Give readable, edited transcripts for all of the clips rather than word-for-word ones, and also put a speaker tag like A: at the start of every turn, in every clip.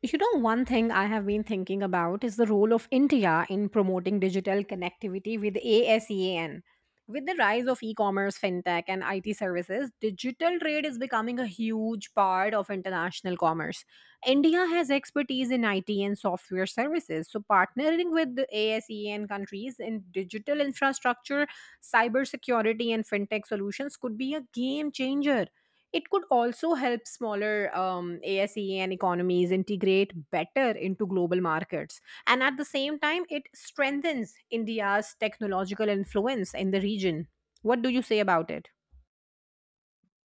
A: You know, one thing I have been thinking about is the role of India in promoting digital connectivity with ASEAN. With the rise of e commerce, fintech, and IT services, digital trade is becoming a huge part of international commerce. India has expertise in IT and software services, so partnering with the ASEAN countries in digital infrastructure, cybersecurity, and fintech solutions could be a game changer. It could also help smaller ASE and economies integrate better into global markets. And at the same time, it strengthens India's technological influence in the region. What do you say about it?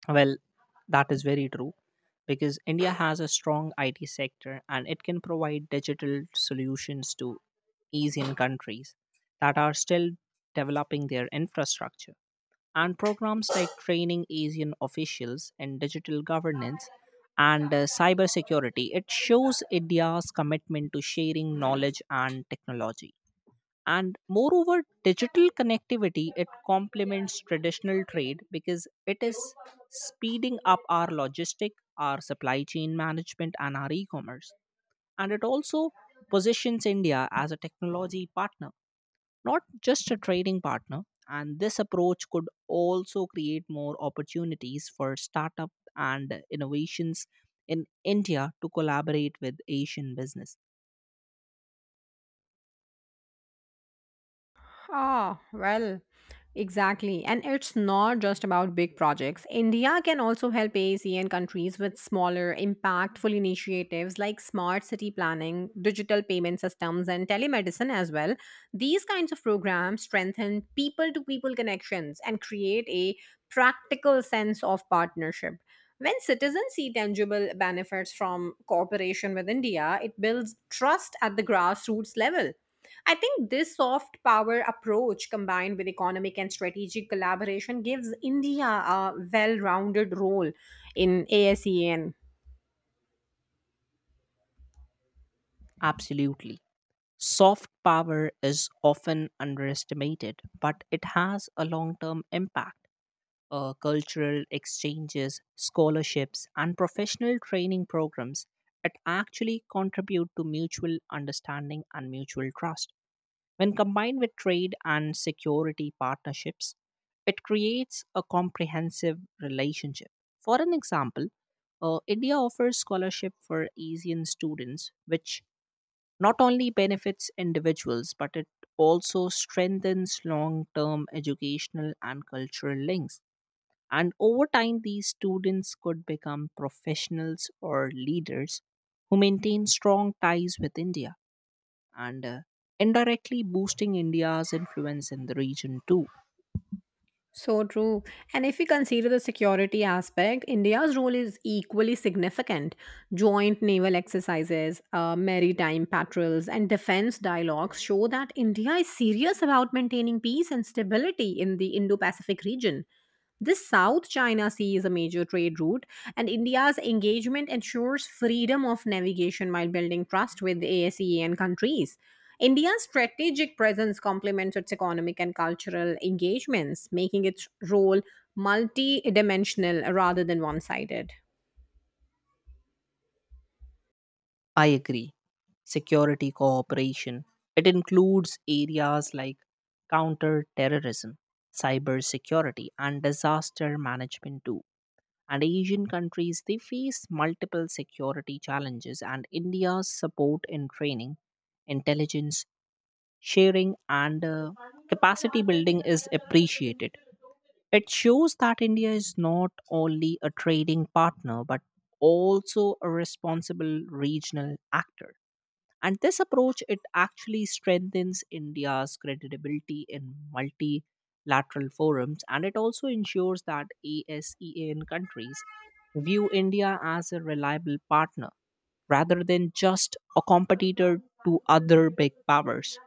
B: Well, that is very true because India has a strong IT sector and it can provide digital solutions to ASEAN countries that are still developing their infrastructure. And programs like training ASEAN officials in digital governance and cybersecurity, it shows India's commitment to sharing knowledge and technology. And moreover, digital connectivity, it complements traditional trade because it is speeding up our logistic, our supply chain management, and our e-commerce. And it also positions India as a technology partner, not just a trading partner. And this approach could also create more opportunities for startup and innovations in India to collaborate with Asian business.
A: Ah, well, exactly. And it's not just about big projects. India can also help ASEAN countries with smaller, impactful initiatives like smart city planning, digital payment systems, and telemedicine as well. These kinds of programs strengthen people to people connections and create a practical sense of partnership. When citizens see tangible benefits from cooperation with India, it builds trust at the grassroots level. I think this soft power approach, combined with economic and strategic collaboration, gives India a well rounded role in ASEAN.
B: Absolutely. Soft power is often underestimated, but it has a long term impact. Cultural exchanges, scholarships, and professional training programs, it actually contribute to mutual understanding and mutual trust. When combined with trade and security partnerships, it creates a comprehensive relationship. For an example, India offers scholarship for Asian students, which not only benefits individuals, but it also strengthens long term educational and cultural links. And over time, these students could become professionals or leaders who maintain strong ties with India and indirectly boosting India's influence in the region too.
A: So true. And if we consider the security aspect, India's role is equally significant. Joint naval exercises, maritime patrols, and defense dialogues show that India is serious about maintaining peace and stability in the Indo Pacific region. This South China Sea is a major trade route, and India's engagement ensures freedom of navigation while building trust with ASEAN countries. India's strategic presence complements its economic and cultural engagements, making its role multidimensional rather than one sided.
B: I agree. Security cooperation. It includes areas like counter terrorism, cyber security, and disaster management too. And Asian countries, they face multiple security challenges, and India's support in training, intelligence sharing, and capacity building is appreciated. It shows that India is not only a trading partner but also a responsible regional actor. And this approach, it actually strengthens India's credibility in multilateral forums, and it also ensures that ASEAN countries view India as a reliable partner rather than just a competitor to other big powers.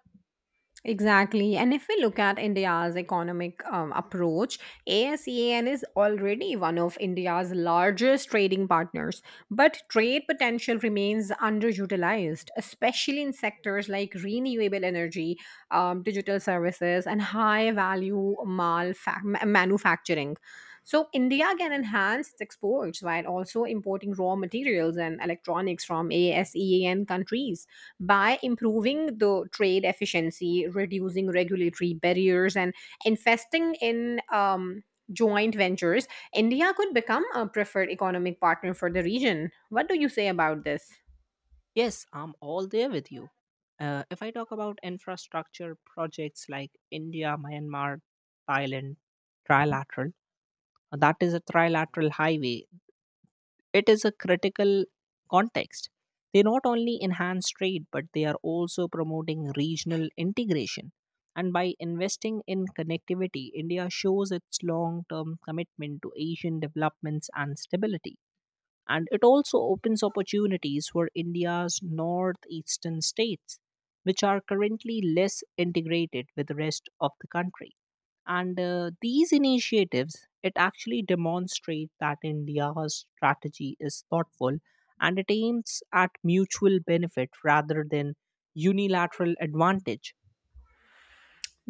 A: Exactly. And if we look at India's economic approach, ASEAN is already one of India's largest trading partners. But trade potential remains underutilized, especially in sectors like renewable energy, digital services, and high value manufacturing. So, India can enhance its exports while also importing raw materials and electronics from ASEAN countries by improving the trade efficiency, reducing regulatory barriers, and investing in joint ventures, India could become a preferred economic partner for the region. What do you say about this?
B: Yes, I'm all there with you. If I talk about infrastructure projects like India Myanmar Thailand trilateral, that is a trilateral highway. It is a critical context. They not only enhance trade, but they are also promoting regional integration. And by investing in connectivity, India shows its long term commitment to Asian developments and stability. And it also opens opportunities for India's northeastern states, which are currently less integrated with the rest of the country. And these initiatives, it actually demonstrate that India's strategy is thoughtful and it aims at mutual benefit rather than unilateral advantage.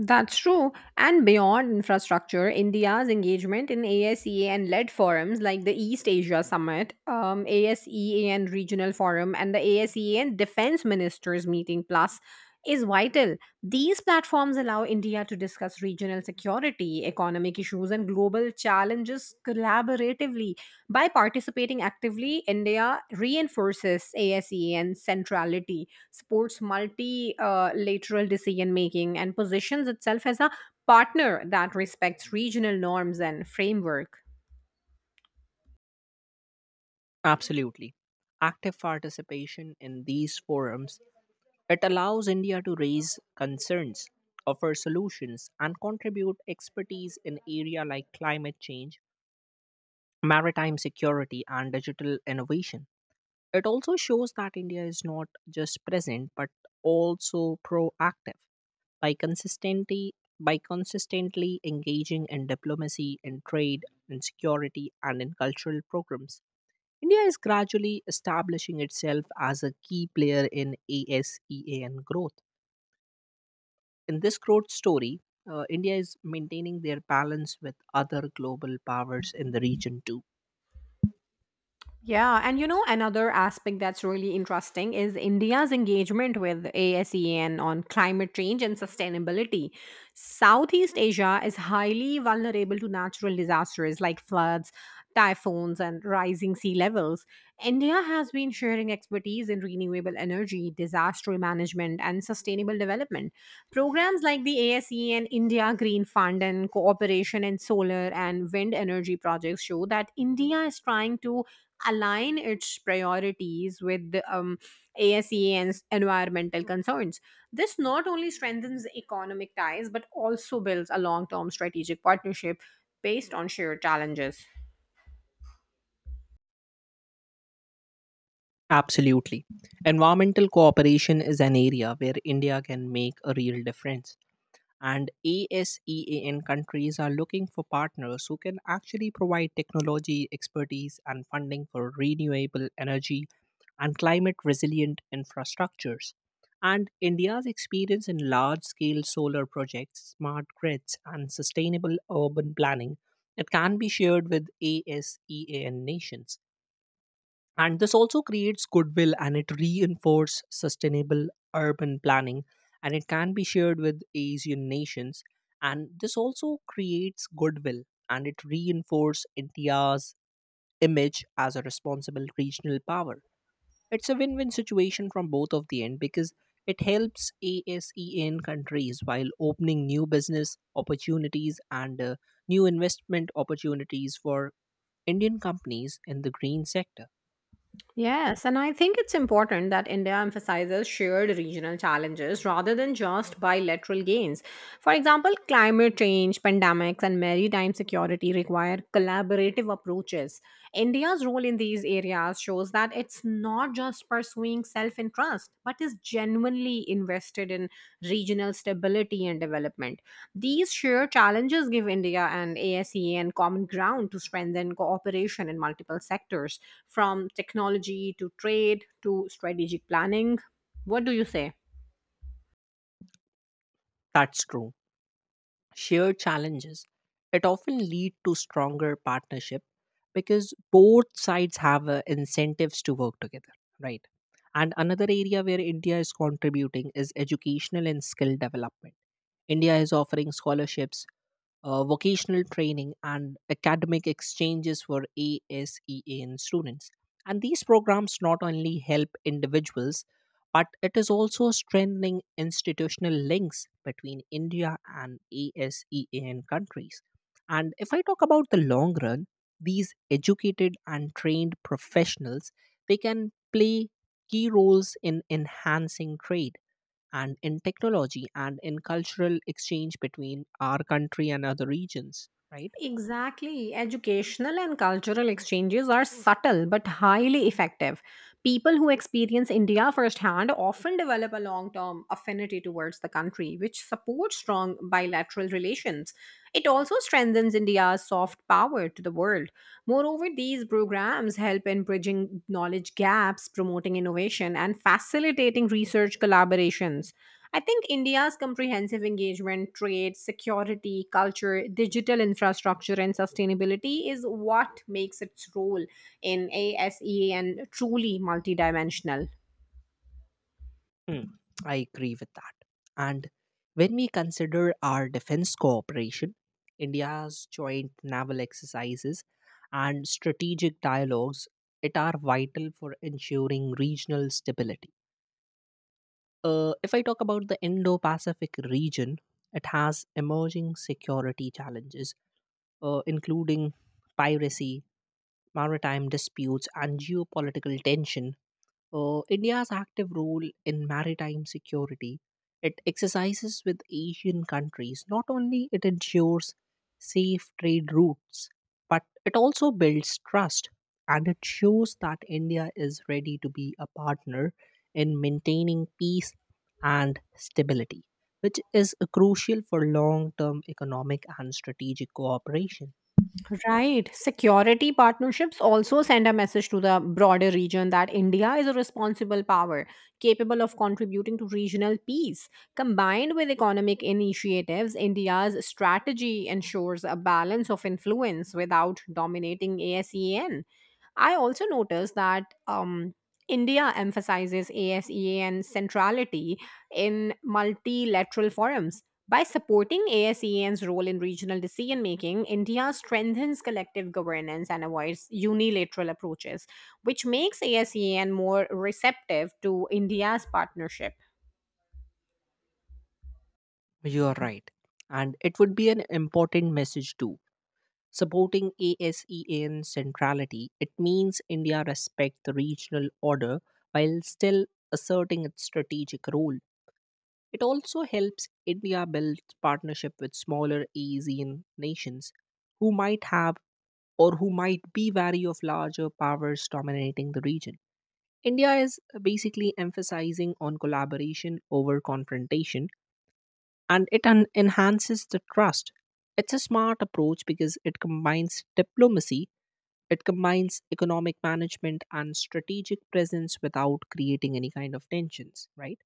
A: That's true. And beyond infrastructure, India's engagement in ASEA and led forums like the East Asia Summit, ASEAN Regional Forum, and the ASEAN Defense Ministers Meeting Plus is vital. These platforms allow India to discuss regional security, economic issues, and global challenges collaboratively. By participating actively, India reinforces ASEAN centrality, supports multilateral decision making, and positions itself as a partner that respects regional norms and framework.
B: Absolutely. Active participation in these forums, it allows India to raise concerns, offer solutions, and contribute expertise in area like climate change, maritime security, and digital innovation. It also shows that India is not just present but also proactive, by consistently engaging in diplomacy, in trade, in security, and in cultural programs. India is gradually establishing itself as a key player in ASEAN growth. In this growth story, India is maintaining their balance with other global powers in the region too.
A: Yeah, and you know, another aspect that's really interesting is India's engagement with ASEAN on climate change and sustainability. Southeast Asia is highly vulnerable to natural disasters like floods, typhoons, and rising sea levels. India has been sharing expertise in renewable energy, disaster management, and sustainable development. Programs like the ASE and India Green Fund and cooperation in solar and wind energy projects show that India is trying to align its priorities with the environmental concerns. This not only strengthens economic ties but also builds a long term strategic partnership based on shared challenges.
B: Absolutely. Environmental cooperation is an area where India can make a real difference. And ASEAN countries are looking for partners who can actually provide technology, expertise, and funding for renewable energy and climate resilient infrastructures. And India's experience in large scale solar projects, smart grids, and sustainable urban planning, it can be shared with ASEAN nations, and this also creates goodwill and it reinforces sustainable urban planning, and it can be shared with Asian nations, and this also creates goodwill, and it reinforces India's image as a responsible regional power. It's a win-win situation from both of the end because it helps ASEAN countries while opening new business opportunities and new investment opportunities for Indian companies in the green sector.
A: Yes, and I think it's important that India emphasizes shared regional challenges rather than just bilateral gains. For example, climate change, pandemics, and maritime security require collaborative approaches. India's role in these areas shows that it's not just pursuing self interest, but is genuinely invested in regional stability and development. These shared challenges give India and ASEAN and common ground to strengthen cooperation in multiple sectors, from technology to trade to strategic planning. What do you say?
B: That's true. Shared challenges, it often lead to stronger partnership because both sides have incentives to work together, right? And another area where India is contributing is educational and skill development. India is offering scholarships, vocational training, and academic exchanges for ASEAN students. And these programs not only help individuals, but it is also strengthening institutional links between India and ASEAN countries. And if I talk about the long run, these educated and trained professionals, they can play key roles in enhancing trade and in technology and in cultural exchange between our country and other regions, right?
A: Exactly. Educational and cultural exchanges are subtle but highly effective. People who experience India firsthand often develop a long term affinity towards the country, which supports strong bilateral relations. It also strengthens India's soft power to the world. Moreover, these programs help in bridging knowledge gaps, promoting innovation, and facilitating research collaborations. I think India's comprehensive engagement, trade, security, culture, digital infrastructure, and sustainability is what makes its role in ASEAN truly multidimensional.
B: Hmm, I agree with that. And when we consider our defense cooperation, India's joint naval exercises and strategic dialogues, it are vital for ensuring regional stability. If I talk about the Indo Pacific region, it has emerging security challenges, including piracy, maritime disputes, and geopolitical tension. India's active role in maritime security, it exercises with Asian countries. Not only it ensures safe trade routes, but it also builds trust, and it shows that India is ready to be a partner in maintaining peace and stability, which is crucial for long-term economic and strategic cooperation.
A: Right. Security partnerships also send a message to the broader region that India is a responsible power capable of contributing to regional peace. Combined with economic initiatives, India's strategy ensures a balance of influence without dominating ASEAN. I also noticed that India emphasizes ASEAN centrality in multilateral forums. By supporting ASEAN's role in regional decision making, India strengthens collective governance and avoids unilateral approaches, which makes ASEAN more receptive to India's partnership.
B: You are right. And it would be an important message too. Supporting ASEAN centrality, it means India respects the regional order while still asserting its strategic role. It also helps India build partnership with smaller ASEAN nations who might have or who might be wary of larger powers dominating the region. India is basically emphasizing on collaboration over confrontation, and it enhances the trust. It's a smart approach because it combines diplomacy, it combines economic management and strategic presence without creating any kind of tensions, right?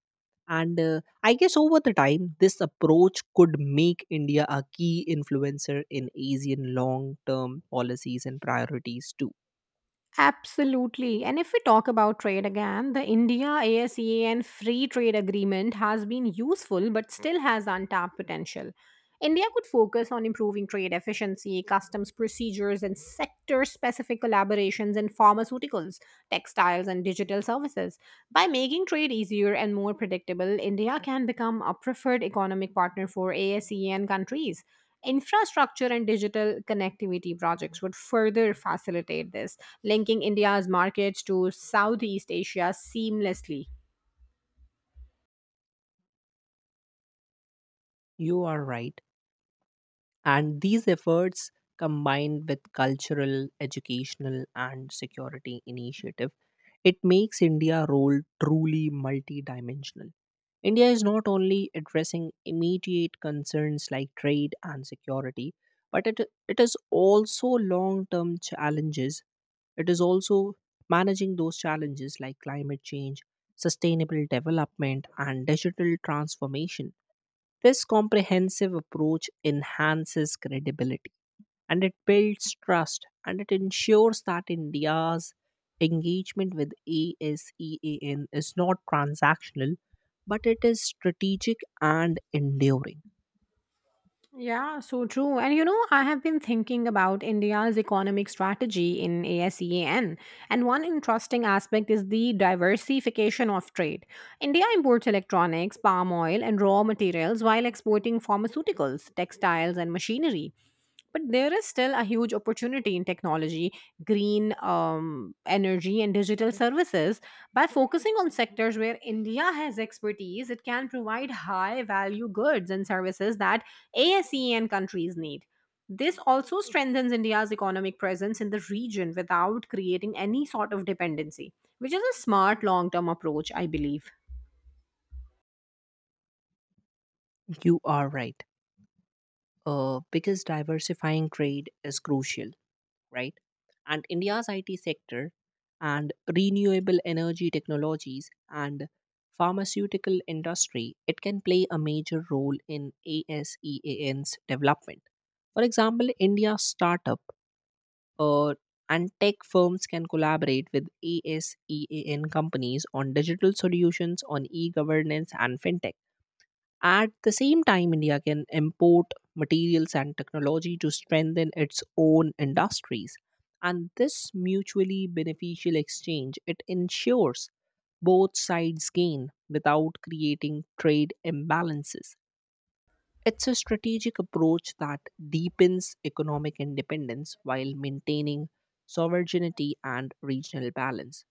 B: And I guess over the time, this approach could make India a key influencer in Asian long term policies and priorities too.
A: Absolutely. And if we talk about trade again, the India ASEAN free trade agreement has been useful but still has untapped potential. India could focus on improving trade efficiency, customs procedures, and sector specific collaborations in pharmaceuticals, textiles, and digital services. By making trade easier and more predictable, India can become a preferred economic partner for ASEAN countries. Infrastructure and digital connectivity projects would further facilitate this, linking India's markets to Southeast Asia seamlessly.
B: You are right. And these efforts, combined with cultural, educational, and security initiative, it makes India role truly multidimensional. India is not only addressing immediate concerns like trade and security, but it, it is also long term challenges. It is also managing those challenges like climate change, sustainable development, and digital transformation. This comprehensive approach enhances credibility, and it builds trust, and it ensures that India's engagement with ASEAN is not transactional, but it is strategic and enduring.
A: Yeah, so true. And you know, I have been thinking about India's economic strategy in ASEAN. And one interesting aspect is the diversification of trade. India imports electronics, palm oil, and raw materials while exporting pharmaceuticals, textiles, and machinery, but there is still a huge opportunity in technology, green energy, and digital services. By focusing on sectors where India has expertise, it can provide high value goods and services that ASEAN countries need. This also strengthens India's economic presence in the region without creating any sort of dependency, which is a smart long term approach, I believe.
B: You are right. Because diversifying trade is crucial, right? And India's IT sector and renewable energy technologies and pharmaceutical industry, it can play a major role in ASEAN's development. For example, India's startup uh, and tech firms can collaborate with ASEAN companies on digital solutions, on e governance, and fintech. At the same time, India can import materials and technology to strengthen its own industries. And this mutually beneficial exchange, it ensures both sides gain without creating trade imbalances. It's a strategic approach that deepens economic independence while maintaining sovereignty and regional balance.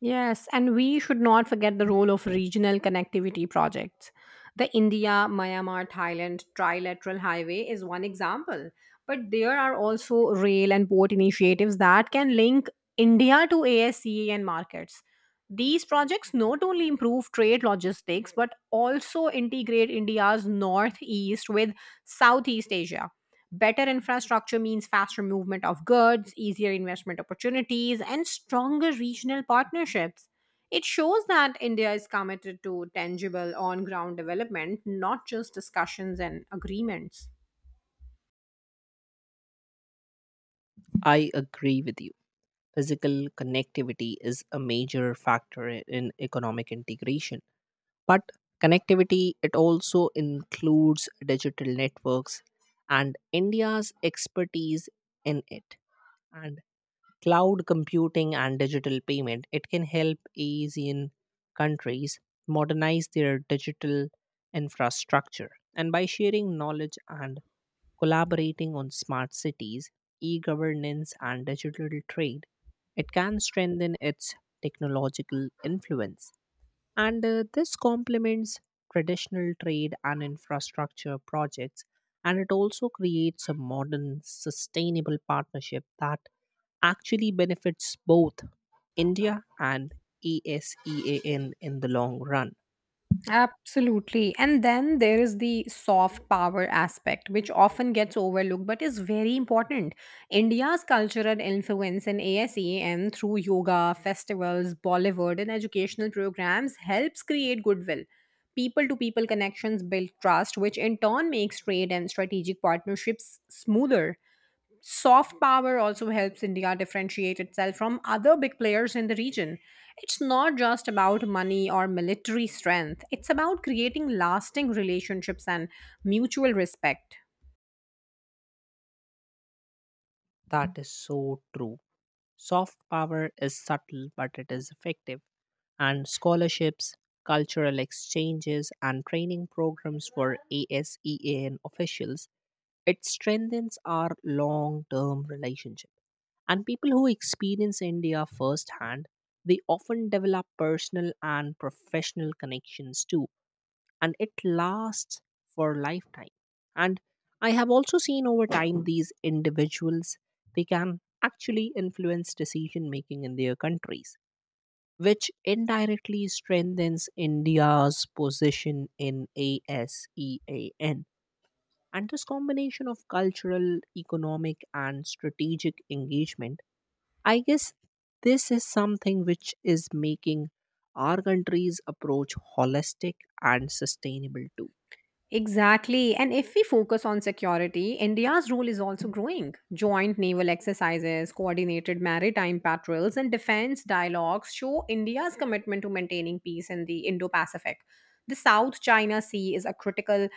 A: Yes, and we should not forget the role of regional connectivity projects. The India Myanmar Thailand trilateral highway is one example, but there are also rail and port initiatives that can link India to ASEAN markets. These projects not only improve trade logistics but also integrate India's northeast with Southeast Asia. Better infrastructure means faster movement of goods, easier investment opportunities, and stronger regional partnerships. It shows that India is committed to tangible on ground development, not just discussions and agreements.
B: I agree with you. Physical connectivity is a major factor in economic integration. But connectivity, it also includes digital networks, and India's expertise in it. And cloud computing and digital payment, it can help Asian countries modernize their digital infrastructure. And by sharing knowledge and collaborating on smart cities, e governance, and digital trade, it can strengthen its technological influence. And this complements traditional trade and infrastructure projects. And it also creates a modern, sustainable partnership that actually benefits both India and ASEAN in the long run.
A: Absolutely. And then there is the soft power aspect, which often gets overlooked but is very important. India's cultural influence in ASEAN through yoga, festivals, Bollywood, and educational programs helps create goodwill. People to people connections build trust, which in turn makes trade and strategic partnerships smoother. Soft power also helps India differentiate itself from other big players in the region. It's not just about money or military strength, it's about creating lasting relationships and mutual respect.
B: That is so true. Soft power is subtle, but it is effective. And scholarships, cultural exchanges, and training programs for ASEAN officials, it strengthens our long term relationship. And people who experience India firsthand, they often develop personal and professional connections too, and it lasts for a lifetime. And I have also seen over time these individuals, they can actually influence decision making in their countries, which indirectly strengthens India's position in ASEAN. And this combination of cultural, economic, and strategic engagement, I guess this is something which is making our country's approach holistic and sustainable too.
A: Exactly. And if we focus on security, India's role is also growing. Joint naval exercises, coordinated maritime patrols, and defense dialogues show India's commitment to maintaining peace in the Indo Pacific. The South China Sea is a critical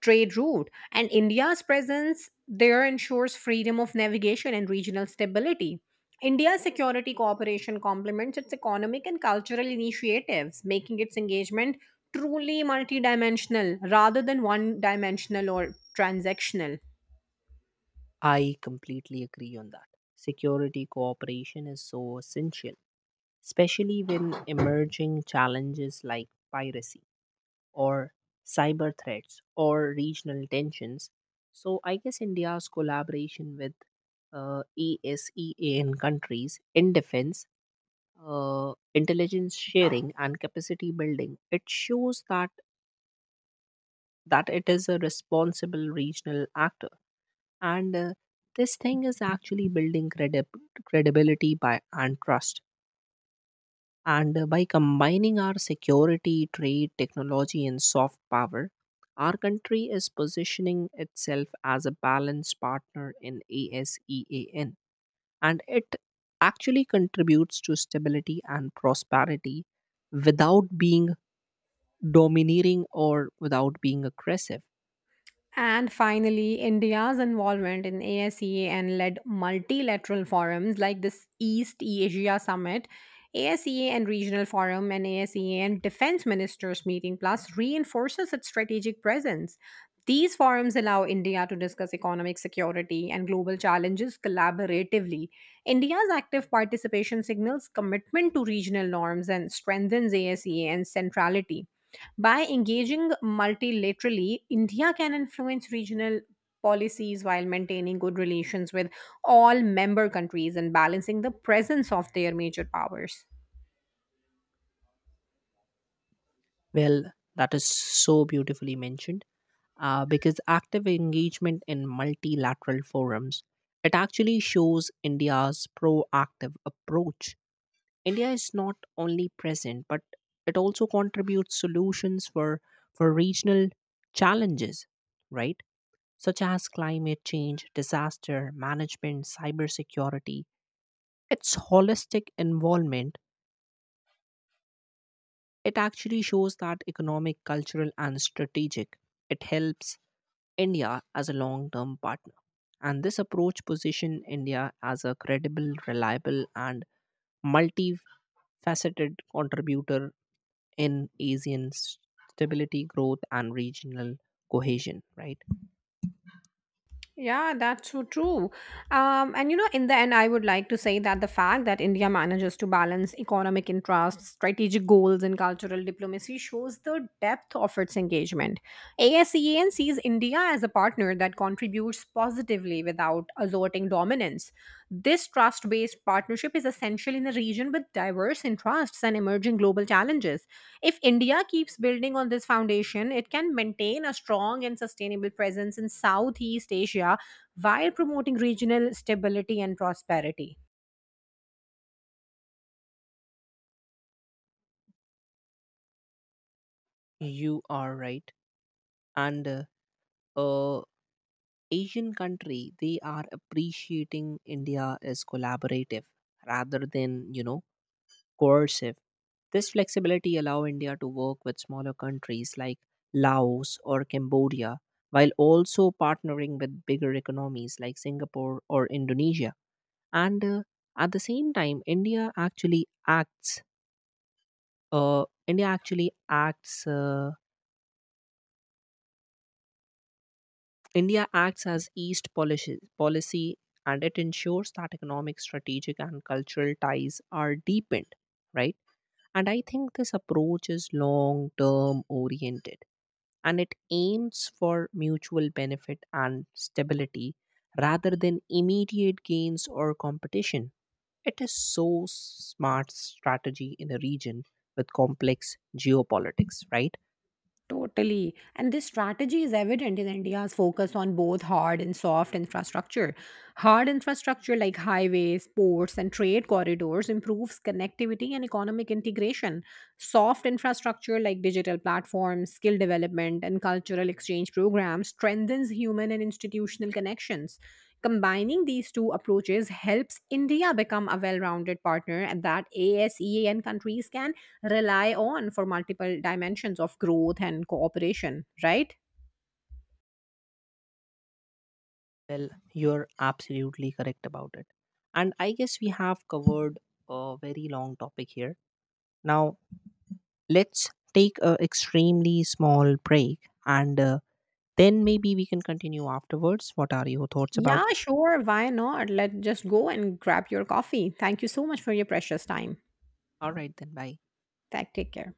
A: trade route, and India's presence there ensures freedom of navigation and regional stability. India's security cooperation complements its economic and cultural initiatives, making its engagement truly multidimensional rather than one dimensional or transactional.
B: I completely agree on that. Security cooperation is so essential, especially when emerging challenges like piracy or cyber threats or regional tensions. So I guess India's collaboration with ASEAN countries in defense, intelligence sharing, and capacity building, it shows that it is a responsible regional actor, and this thing is actually building credibility by and trust. And by combining our security, trade, technology, and soft power, our country is positioning itself as a balanced partner in ASEAN. And it actually contributes to stability and prosperity without being domineering or without being aggressive.
A: And finally, India's involvement in ASEA led multilateral forums like this East Asia Summit, ASEA Regional Forum, and ASEA Defense Ministers Meeting Plus reinforces its strategic presence. These forums allow India to discuss economic security and global challenges collaboratively. India's active participation signals commitment to regional norms and strengthens ASEA and centrality. By engaging multilaterally, India can influence regional policies while maintaining good relations with all member countries and balancing the presence of their major powers.
B: Well, that is so beautifully mentioned. Because active engagement in multilateral forums, it actually shows India's proactive approach. India is not only present, but it also contributes solutions for regional challenges, right? Such as climate change, disaster management, cybersecurity. Its holistic involvement, it actually shows that economic, cultural, and strategic, it helps India as a long term partner. And this approach positions India as a credible, reliable, and multifaceted contributor in Asian stability, growth, and regional cohesion, right?
A: Yeah, that's so true. And you know, in the end, I would like to say that the fact that India manages to balance economic interests, strategic goals, and cultural diplomacy shows the depth of its engagement. ASEAN sees India as a partner that contributes positively without asserting dominance. This trust based partnership is essential in a region with diverse interests and emerging global challenges. If India keeps building on this foundation, it can maintain a strong and sustainable presence in Southeast Asia while promoting regional stability and prosperity.
B: You are right. And uh, Asian country, they are appreciating India as collaborative rather than, you know, coercive. This flexibility allows India to work with smaller countries like Laos or Cambodia while also partnering with bigger economies like Singapore or Indonesia. And at the same time, India actually acts. India acts as East policy, and it ensures that economic, strategic, and cultural ties are deepened. Right, and I think this approach is long-term oriented, and it aims for mutual benefit and stability rather than immediate gains or competition. It is so smart strategy in a region with complex geopolitics, right?
A: Totally. And this strategy is evident in India's focus on both hard and soft infrastructure. Hard infrastructure like highways, ports, and trade corridors improves connectivity and economic integration. Soft infrastructure like digital platforms, skill development, and cultural exchange programs strengthens human and institutional connections. Combining these two approaches helps India become a well rounded partner and that ASEAN countries can rely on for multiple dimensions of growth and cooperation, right?
B: Well, you're absolutely correct about it. And I guess we have covered a very long topic here. Now, let's take a extremely small break and then maybe we can continue afterwards. What are your thoughts
A: Yeah,
B: about it?
A: sure. Why not? Let's just go and grab your coffee. Thank you so much for your precious time.
B: All right, then, bye.
A: Take care.